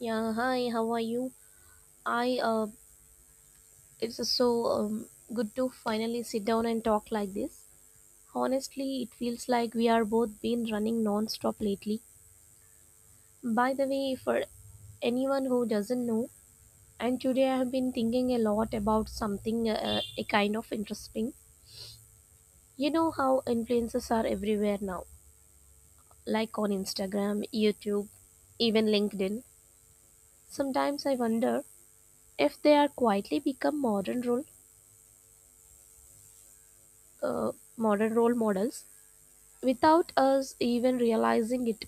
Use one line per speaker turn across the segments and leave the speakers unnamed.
Yeah, hi, how are you? I, uh, it's so Good to finally sit down and talk like this. Honestly, it feels like we are both been running non-stop lately. By the way, for anyone who doesn't know, and today I have been thinking a lot about something a kind of interesting. You know how influencers are everywhere now, like on Instagram, YouTube, even LinkedIn. Sometimes I wonder if they are quietly become modern role models without us even realizing it.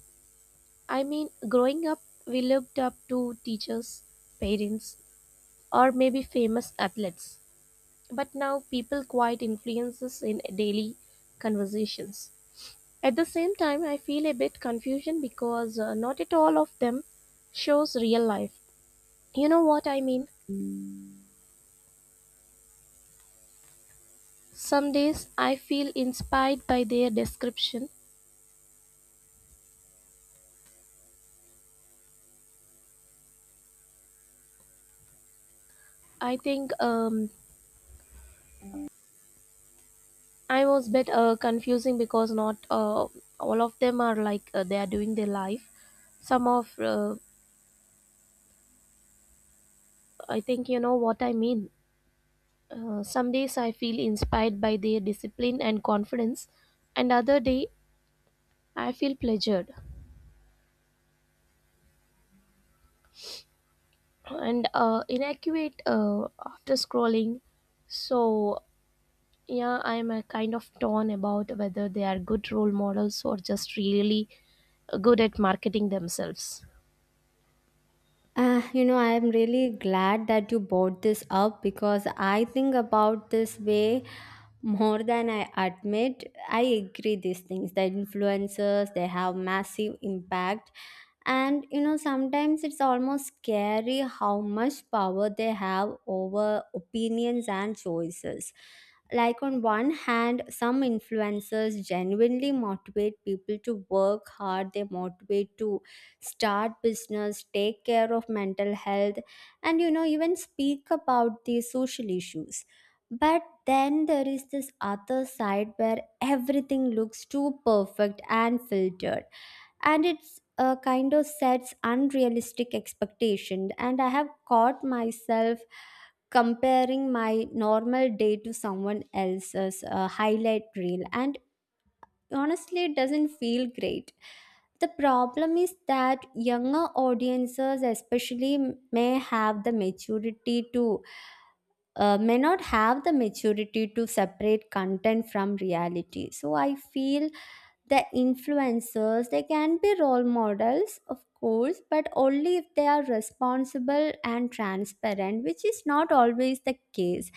I mean, growing up, we looked up to teachers, parents, or maybe famous athletes. But now people quite influences in daily conversations. At the same time, I feel a bit confusion because not at all of them shows real life. You know what I mean? Some days I feel inspired by their description. I think um, I was bit confusing because not all of them are like they are doing their life. Some of I think you know what I mean. Some days I feel inspired by their discipline and confidence, and other day I feel pleasured and inaccurate after scrolling. So yeah, I'm kind of torn about whether they are good role models or just really good at marketing themselves.
I am really glad that you brought this up because I think about this way more than I admit. I agree these things. The influencers, they have massive impact. And you know, sometimes it's almost scary how much power they have over opinions and choices. Like, on one hand, some influencers genuinely motivate people to work hard, they motivate to start business, take care of mental health, and you know, even speak about these social issues. But then there is this other side where everything looks too perfect and filtered, and it's kind of sets unrealistic expectation, and I have caught myself comparing my normal day to someone else's highlight reel, and honestly it doesn't feel great. The problem is that younger audiences especially may have the maturity to may not have the maturity to separate content from reality, so I feel the influencers, they can be role models, of course, but only if they are responsible and transparent, which is not always the case.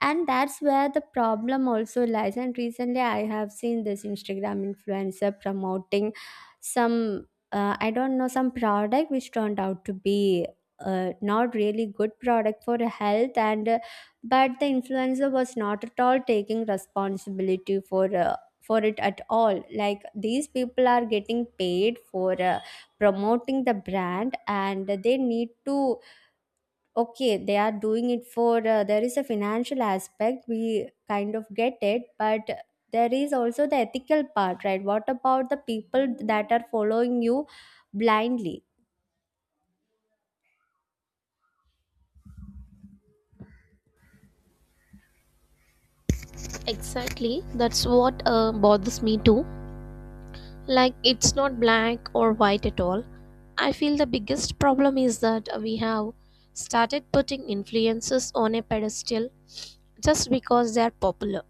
And that's where the problem also lies. And recently I have seen this Instagram influencer promoting some, I don't know, some product which turned out to be not really good product for health. And but the influencer was not at all taking responsibility for it at all. Like, these people are getting paid for promoting the brand, and they need to, okay, they are doing it for, there is a financial aspect, we kind of get it, but there is also the ethical part, right? What about the people that are following you blindly?
Exactly, that's what bothers me too. Like it's not black or white at all. I feel the biggest problem is that we have started putting influences on a pedestal just because they are popular,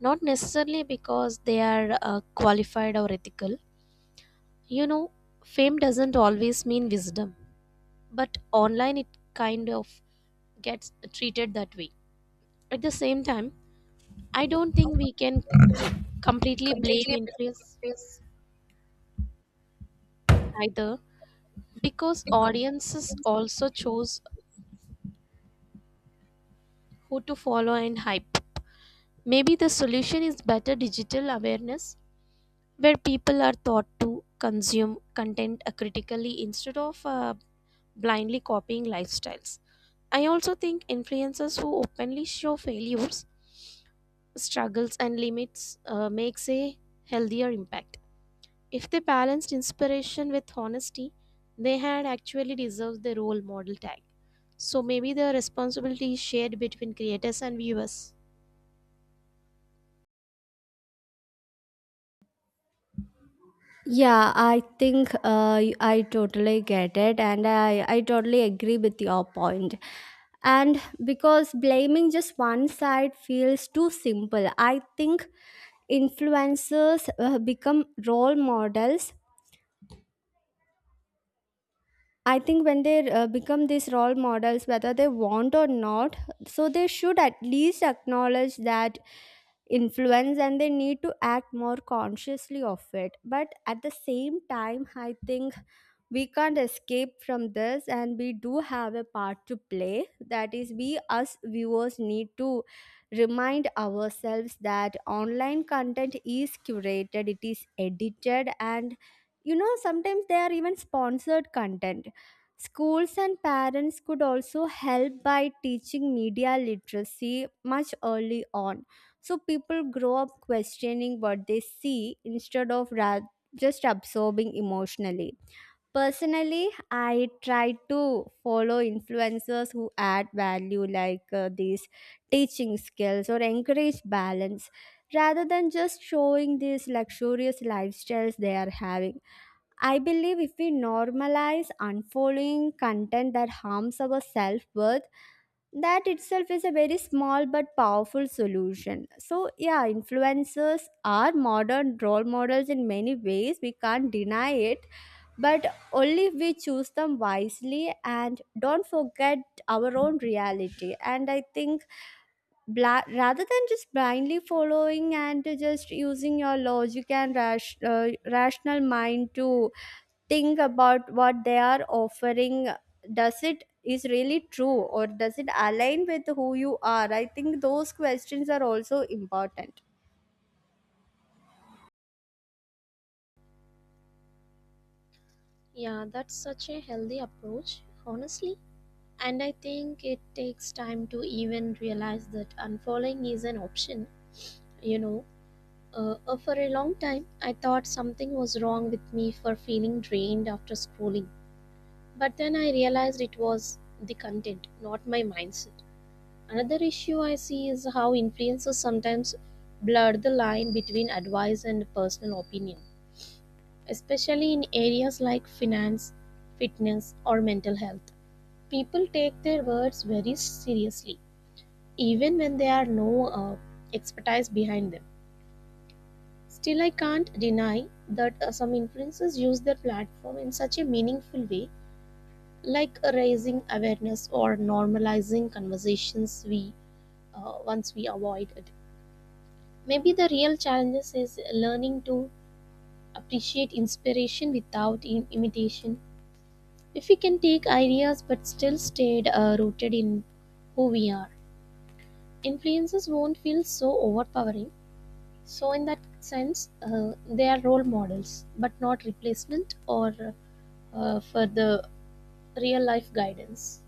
not necessarily because they are qualified or ethical. You know, fame doesn't always mean wisdom, but online it kind of gets treated that way. At the same time, I don't think we can completely blame influence either, because audiences also chose who to follow, and hype. Maybe the solution is better digital awareness where people are taught to consume content critically instead of blindly copying lifestyles. I also think influencers who openly show failures, struggles, and limits makes a healthier impact. If they balanced inspiration with honesty, they had actually deserved the role model tag. So maybe the responsibility is shared between creators and viewers.
Yeah, I think I totally get it, and I totally agree with your point. And because blaming just one side feels too simple, I think influencers become role models. I think when they become these role models, whether they want or not, so they should at least acknowledge that influence, and they need to act more consciously of it. But at the same time, I think we can't escape from this, and we do have a part to play, that is, we us viewers need to remind ourselves that online content is curated, it is edited, and you know, sometimes they are even sponsored content. Schools and parents could also help by teaching media literacy much early on, so people grow up questioning what they see instead of just absorbing emotionally. Personally, I try to follow influencers who add value, like these teaching skills or encourage balance rather than just showing these luxurious lifestyles they are having. I believe if we normalize unfollowing content that harms our self worth, that itself is a very small but powerful solution. So yeah, influencers are modern role models in many ways, we can't deny it, but only if we choose them wisely and don't forget our own reality. And I think rather than just blindly following and just using your logic and rational mind to think about what they are offering, does it is really true, or does it align with who you are? I think those questions are also important.
Yeah, that's such a healthy approach, honestly. And I think it takes time to even realize that unfollowing is an option, you know. For a long time, I thought something was wrong with me for feeling drained after scrolling. But then I realized it was the content, not my mindset. Another issue I see is how influencers sometimes blur the line between advice and personal opinion, especially in areas like finance, fitness, or mental health. People take their words very seriously, even when there are no expertise behind them. Still, I can't deny that some influencers use their platform in such a meaningful way, like raising awareness or normalizing conversations we once we avoided. Maybe the real challenge is learning to appreciate inspiration without imitation. If we can take ideas but still stayed rooted in who we are, influences won't feel so overpowering. So in that sense, they are role models, but not replacement or for the real life guidance.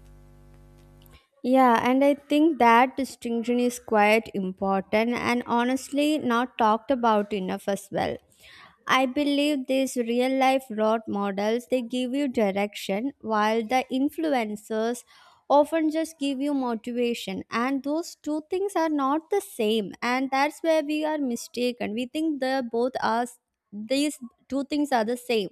Yeah, and I think that distinction is quite important and honestly not talked about enough as well. I believe these real life road models, they give you direction, while the influencers often just give you motivation, and those two things are not the same, and that's where we are mistaken. We think the both are, these two things are the same.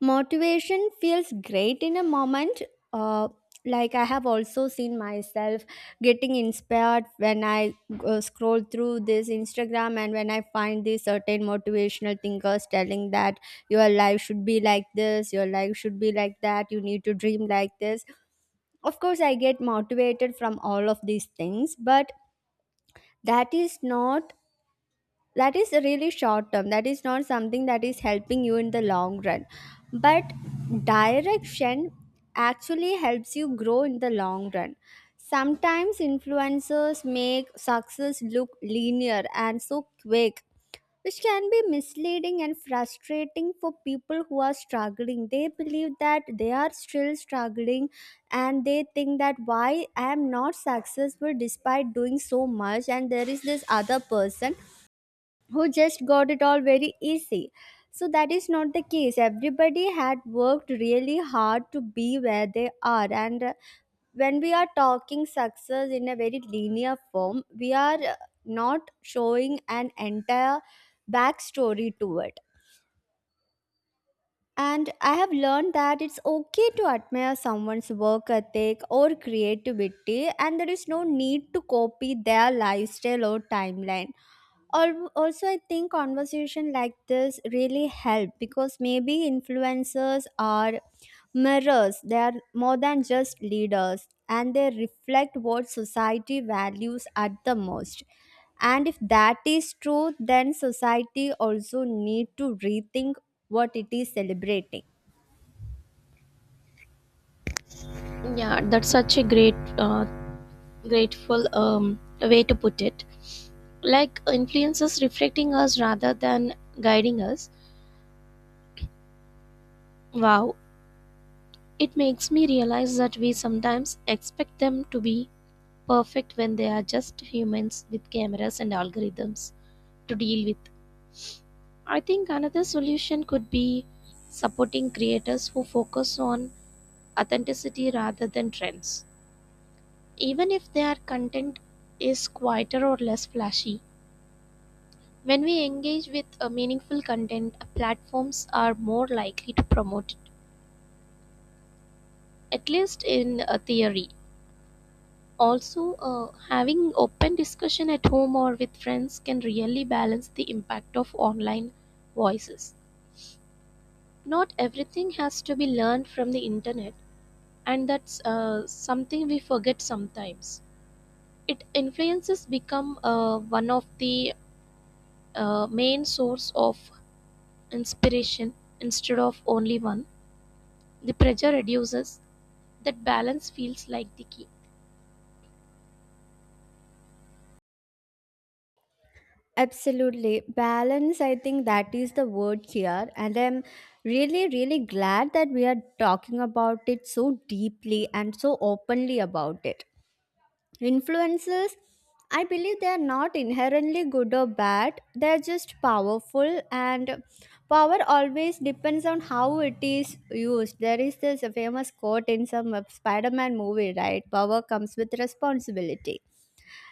Motivation feels great in a moment. uh, like, I have also seen myself getting inspired when I scroll through this Instagram, and when I find these certain motivational thinkers telling that your life should be like this, your life should be like that, you need to dream like this. Of course I get motivated from all of these things, but that is not, that is really short term, that is not something that is helping you in the long run. But direction actually helps you grow in the long run. Sometimes influencers make success look linear and so quick, which can be misleading and frustrating for people who are struggling. They believe that they are still struggling, and they think that why I am not successful despite doing so much, and there is this other person who just got it all very easy. So that is not the case. Everybody had worked really hard to be where they are. And when we are talking success in a very linear form, we are not showing an entire backstory to it. And I have learned that it's okay to admire someone's work ethic or creativity, and there is no need to copy their lifestyle or timeline. Also, I think conversation like this really help, because maybe influencers are mirrors, they are more than just leaders, and they reflect what society values at the most. And if that is true, then society also need to rethink what it is celebrating.
Yeah, that's such a great grateful way to put it, like influences reflecting us rather than guiding us. Wow, it makes me realize that we sometimes expect them to be perfect when they are just humans with cameras and algorithms to deal with. I think another solution could be supporting creators who focus on authenticity rather than trends. Even if their content is quieter or less flashy, when we engage with a meaningful content, platforms are more likely to promote it, at least in a theory. Also, having open discussion at home or with friends can really balance the impact of online voices. Not everything has to be learned from the internet, and that's something we forget sometimes. It influences become one of the main source of inspiration instead of only one. The pressure reduces. That balance feels like the key.
Absolutely. Balance, I think that is the word here. And I'm really, really glad that we are talking about it so deeply and so openly about it. Influences, I believe they are not inherently good or bad, they're just powerful, and power always depends on how it is used. There is this famous quote in some Spider Man movie, right? Power comes with responsibility.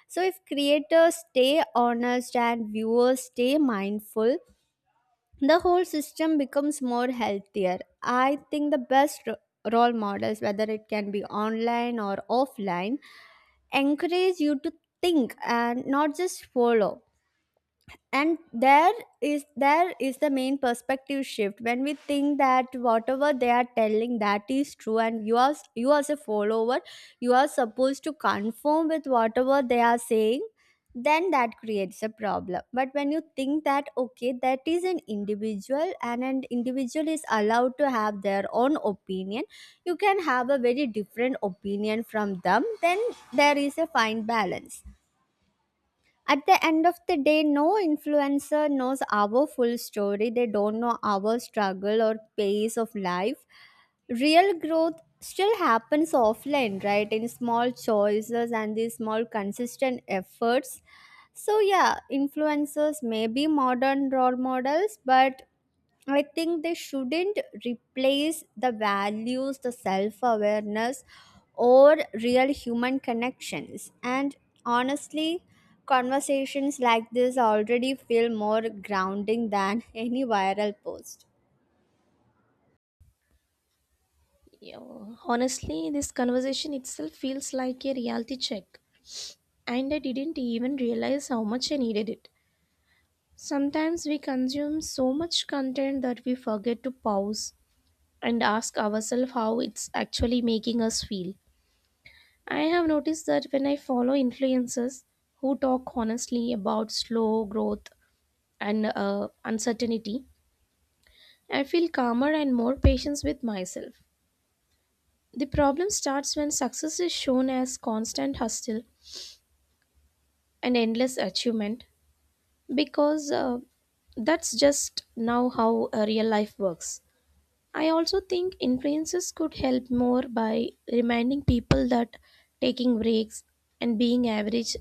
So, if creators stay honest and viewers stay mindful, the whole system becomes more healthier. I think the best role models, whether it can be online or offline, encourage you to think and not just follow. And there is the main perspective shift when we think that whatever they are telling that is true, and you are, you as a follower, you are supposed to conform with whatever they are saying, then that creates a problem. But when you think that okay, that is an individual, and an individual is allowed to have their own opinion, you can have a very different opinion from them, then there is a fine balance. At the end of the day, no influencer knows our full story. They don't know our struggle or pace of life. Real growth still happens offline, right? In small choices and these small consistent efforts. So, yeah, influencers may be modern role models, but I think they shouldn't replace the values, the self awareness, or real human connections. And honestly, conversations like this already feel more grounding than any viral post.
Yeah, honestly, this conversation itself feels like a reality check, and I didn't even realize how much I needed it. Sometimes we consume so much content that we forget to pause and ask ourselves how it's actually making us feel. I have noticed that when I follow influencers who talk honestly about slow growth and uncertainty, I feel calmer and more patient with myself. The problem starts when success is shown as constant hustle and endless achievement, because that's just now how real life works. I also think influencers could help more by reminding people that taking breaks and being average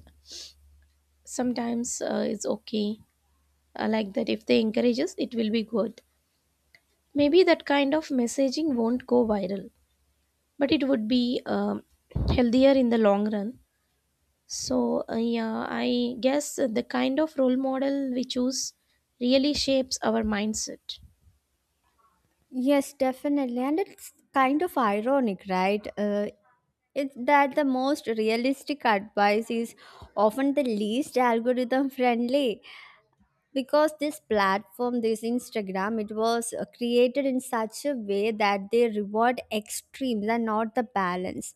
sometimes is okay. Like that, if they encourage us, it will be good. Maybe that kind of messaging won't go viral, but it would be healthier in the long run. So, yeah, I guess the kind of role model we choose really shapes our mindset.
Yes, definitely. And it's kind of ironic, right? It's that the most realistic advice is often the least algorithm friendly, because this platform, this Instagram, it was created in such a way that they reward extremes and not the balance,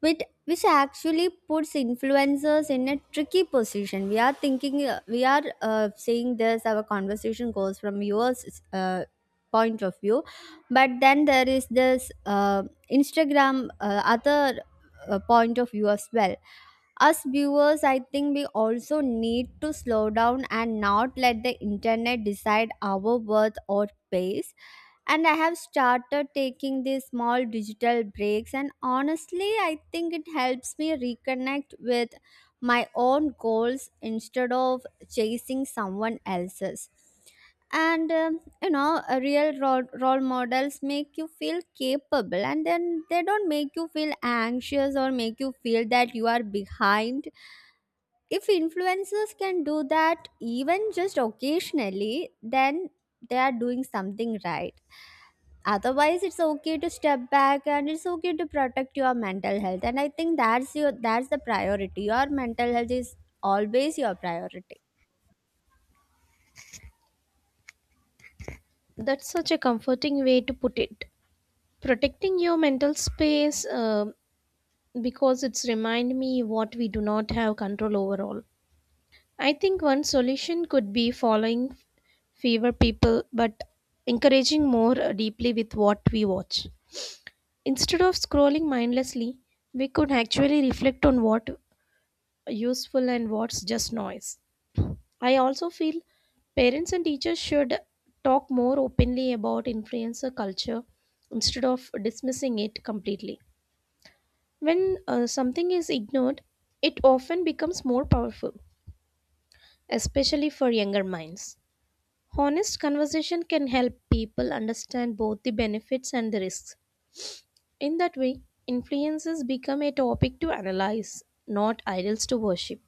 which actually puts influencers in a tricky position. We are thinking, we are saying this, our conversation goes from your uh, point of view, but then there is this Instagram other point of view as well. Us viewers, I think we also need to slow down and not let the internet decide our worth or pace. And I have started taking these small digital breaks, and honestly I think it helps me reconnect with my own goals instead of chasing someone else's. And you know, a real role models make you feel capable, and then they don't make you feel anxious or make you feel that you are behind. If influencers can do that even just occasionally, then they are doing something right. Otherwise, it's okay to step back, and it's okay to protect your mental health. And I think that's the priority. Your mental health is always your priority.
That's such a comforting way to put it. Protecting your mental space because it's remind me what we do not have control over all. I think one solution could be following fewer people but encouraging more deeply with what we watch. Instead of scrolling mindlessly, we could actually reflect on what useful and what's just noise. I also feel parents and teachers should talk more openly about influencer culture instead of dismissing it completely. When something is ignored, it often becomes more powerful, especially for younger minds. Honest conversation can help people understand both the benefits and the risks. In that way, influences become a topic to analyze, not idols to worship.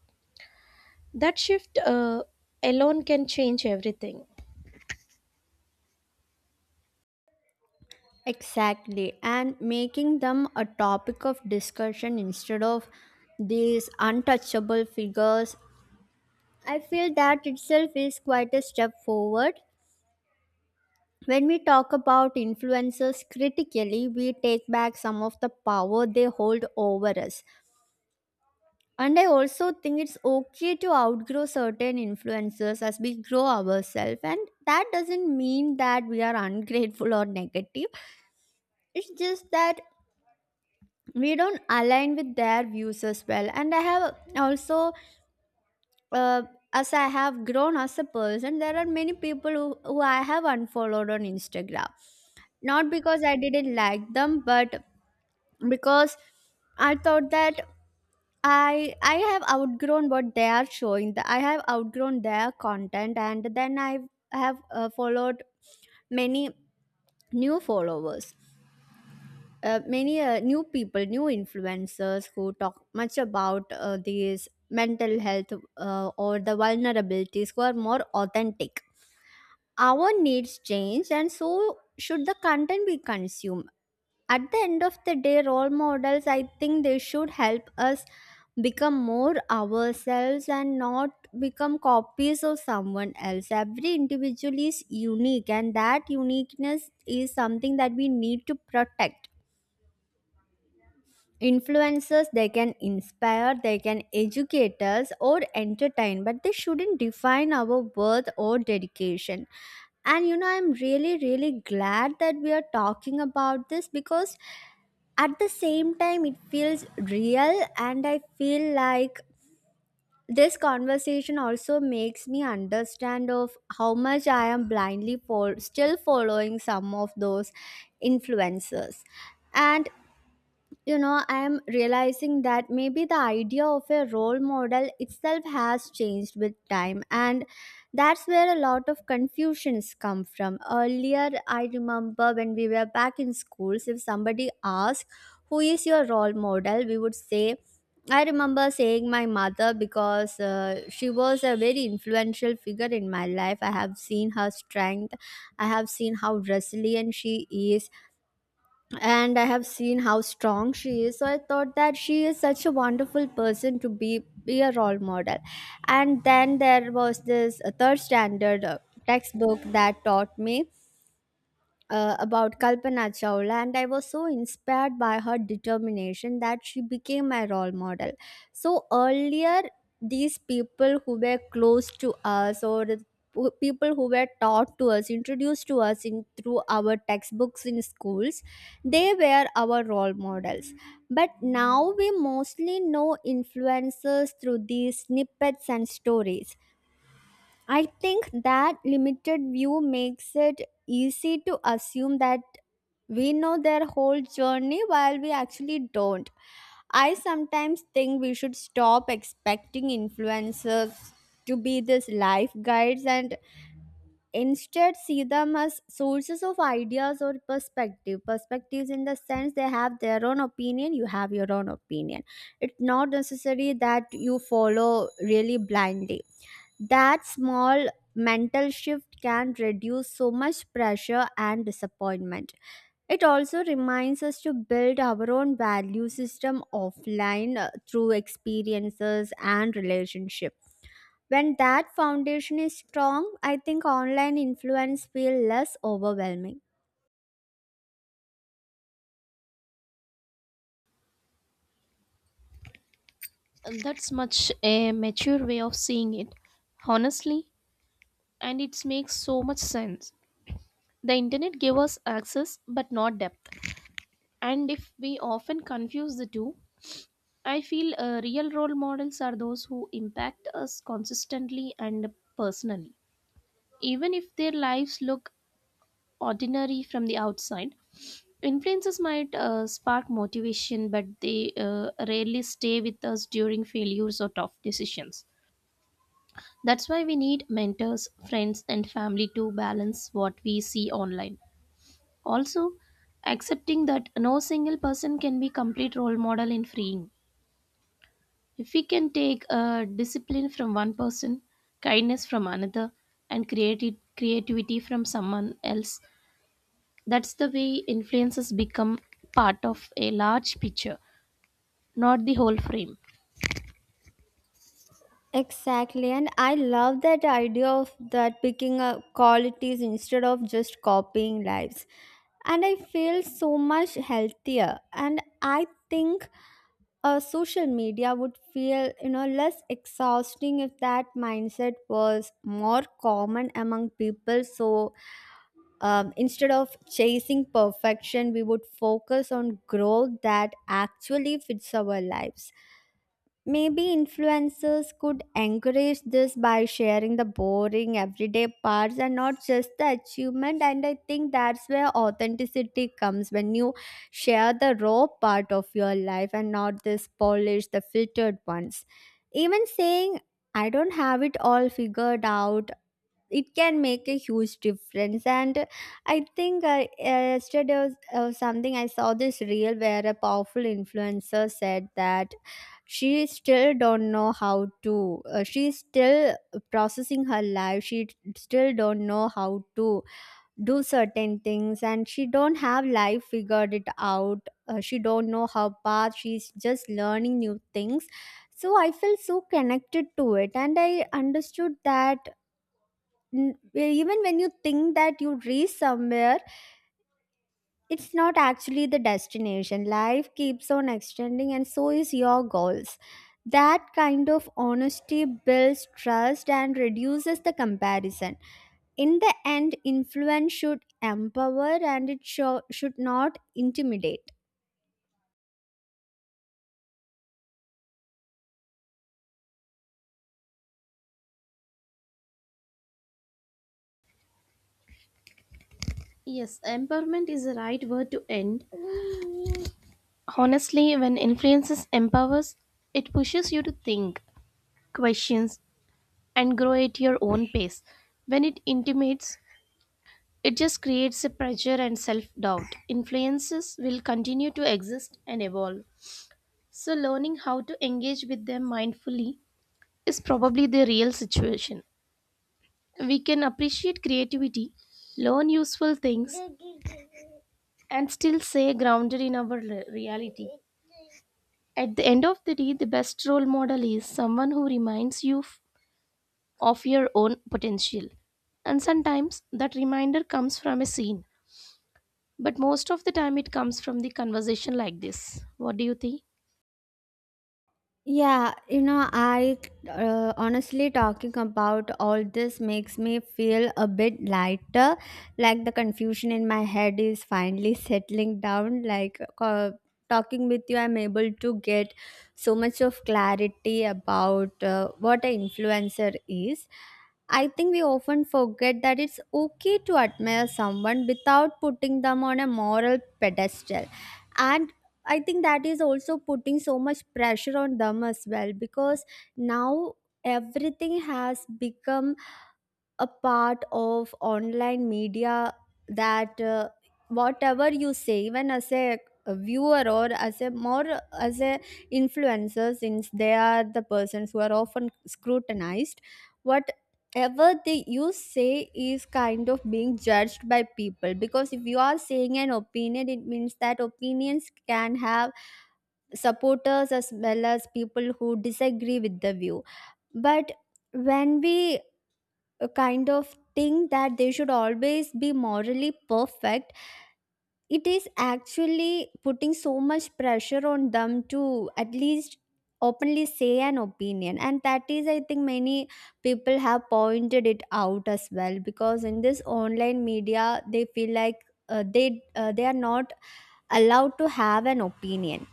That shift alone can change everything.
Exactly, and making them a topic of discussion instead of these untouchable figures. I feel that itself is quite a step forward. When we talk about influencers critically, we take back some of the power they hold over us. And I also think it's okay to outgrow certain influences as we grow ourselves. And that doesn't mean that we are ungrateful or negative. It's just that we don't align with their views as well. And I have also, uh, as I have grown as a person, there are many people who I have unfollowed on Instagram. Not because I didn't like them, but because I thought that I have outgrown what they are showing. I have outgrown their content, and then I have followed many new followers, many new people, new influencers who talk much about these mental health or the vulnerabilities, who are more authentic. Our needs change, and so should the content we consume. At the end of the day, role models, I think they should help us become more ourselves and not become copies of someone else. Every individual is unique, and that uniqueness is something that we need to protect. Influencers, they can inspire, they can educate us or entertain, but they shouldn't define our worth or dedication. And I'm really really glad that we are talking about this, because at the same time it feels real, and I feel like this conversation also makes me understand of how much I am blindly for still following some of those influencers. And I'm realizing that maybe the idea of a role model itself has changed with time, and that's where a lot of confusions come from. Earlier, I remember when we were back in schools, if somebody asked, who is your role model, we would say, I remember saying my mother, because she was a very influential figure in my life. I have seen her strength, I have seen how resilient she is, and I have seen how strong she is. So I thought that she is such a wonderful person to be a role model. And then there was this third standard textbook that taught me about Kalpana Chawla, and I was so inspired by her determination that she became my role model. So earlier, these people who were close to us, or the people who were taught to us, introduced to us in through our textbooks in schools, they were our role models. But now we mostly know influencers through these snippets and stories. I think that limited view makes it easy to assume that we know their whole journey, while we actually don't. I sometimes think we should stop expecting influencers to be these life guides, and instead see them as sources of ideas or perspective. Perspectives in the sense, they have their own opinion, you have your own opinion. It's not necessary that you follow really blindly. That small mental shift can reduce so much pressure and disappointment. It also reminds us to build our own value system offline, through experiences and relationship. When that foundation is strong, I think online influence feel less overwhelming.
That's much a mature way of seeing it, honestly, and it makes so much sense. The internet gave us access but not depth. And if we often confuse the two, I feel real role models are those who impact us consistently and personally. Even if their lives look ordinary from the outside, influences might spark motivation, but they rarely stay with us during failures or tough decisions. That's why we need mentors, friends, and family to balance what we see online. Also, accepting that no single person can be complete role model in freeing. If we can take discipline from one person, kindness from another, and creativity from someone else, that's the way influences become part of a large picture, not the whole frame.
Exactly, and I love that idea of that picking up qualities instead of just copying lives. And I feel so much healthier. And I think social media would feel, less exhausting if that mindset was more common among people. So instead of chasing perfection, we would focus on growth that actually fits our lives. Maybe influencers could encourage this by sharing the boring everyday parts and not just the achievement. And I think that's where authenticity comes, when you share the raw part of your life and not this polished, the filtered ones. Even saying, I don't have it all figured out, it can make a huge difference. And I think yesterday was something, I saw this reel where a powerful influencer said that she still don't know how to, she's still processing her life, she still don't know how to do certain things, and she don't have life figured it out. She don't know her path, she's just learning new things. So I felt so connected to it, and I understood that even when you think that you reach somewhere, it's not actually the destination. Life keeps on extending, and so is your goals. That kind of honesty builds trust and reduces the comparison. In the end, influence should empower, and it should not intimidate.
Yes, empowerment is the right word to end. Honestly, when influences empowers, it pushes you to think, questions, and grow at your own pace. When it intimates, it just creates a pressure and self doubt. Influences will continue to exist and evolve. So, learning how to engage with them mindfully is probably the real situation. We can appreciate creativity, learn useful things, and still stay grounded in our reality. At the end of the day, the best role model is someone who reminds you of your own potential. And sometimes that reminder comes from a scene, but most of the time it comes from the conversation like this. What do you think?
Yeah, you know, I honestly talking about all this makes me feel a bit lighter. Like, the confusion in my head is finally settling down. Like, talking with you, I'm able to get so much of clarity about what an influencer is. I think we often forget that it's okay to admire someone without putting them on a moral pedestal. And I think that is also putting so much pressure on them as well, because now everything has become a part of online media, that whatever you say, even as a viewer, or as a more as a influencer, since they are the persons who are often scrutinized, whatever they you say is kind of being judged by people. Because if you are saying an opinion, it means that opinions can have supporters as well as people who disagree with the view. But when we kind of think that they should always be morally perfect, it is actually putting so much pressure on them to at least openly say an opinion. And that is, I think, many people have pointed it out as well, because in this online media they feel like, they are not allowed to have an opinion.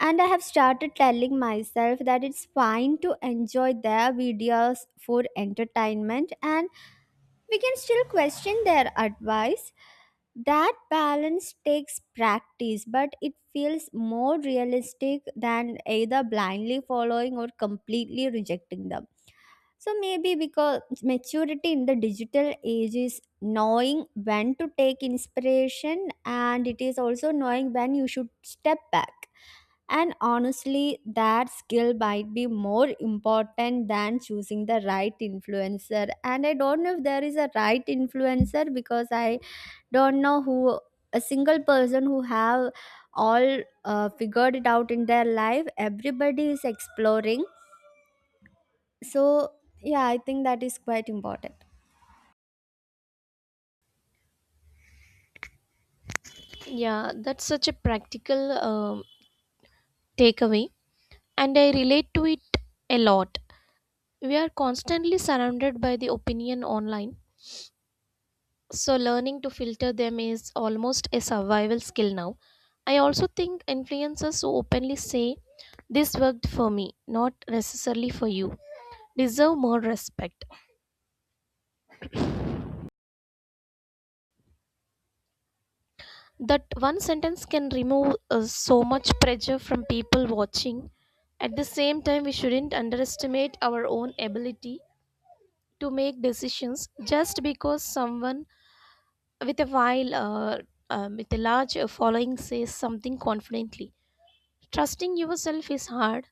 And I have started telling myself that it's fine to enjoy their videos for entertainment, and we can still question their advice. That balance takes practice, but it feels more realistic than either blindly following or completely rejecting them. So maybe, because maturity in the digital age is knowing when to take inspiration, and it is also knowing when you should step back. And honestly, that skill might be more important than choosing the right influencer. And I don't know if there is a right influencer, because I don't know who a single person who have all figured it out in their life. Everybody is exploring. So yeah, I think that is quite important.
Yeah, that's such a practical takeaway, and I relate to it a lot. We are constantly surrounded by the opinion online, so learning to filter them is almost a survival skill now. I also think influencers who openly say, "This worked for me, not necessarily for you," deserve more respect. That one sentence can remove so much pressure from people watching. At the same time, we shouldn't underestimate our own ability to make decisions just because someone with a while, uh, with a large following, says something confidently. Trusting yourself is hard,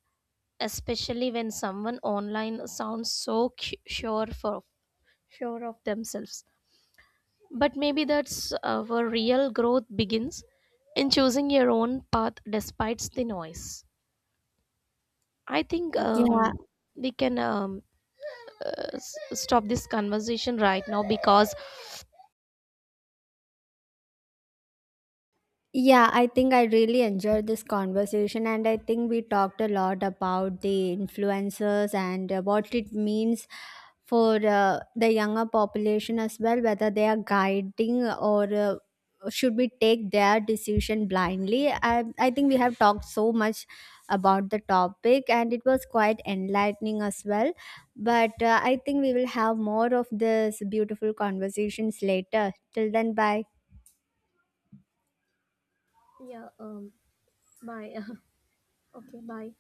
especially when someone online sounds so sure of themselves. But maybe that's where real growth begins in choosing your own path despite the noise. I think
Yeah.
We can stop this conversation right now because.
Yeah, I think I really enjoyed this conversation, and I think we talked a lot about the influencers and what it means for the younger population as well, whether they are guiding or should we take their decision blindly. I think we have talked so much about the topic, and it was quite enlightening as well. But I think we will have more of this beautiful conversations later. Till then, bye.
Yeah, bye. Okay, bye.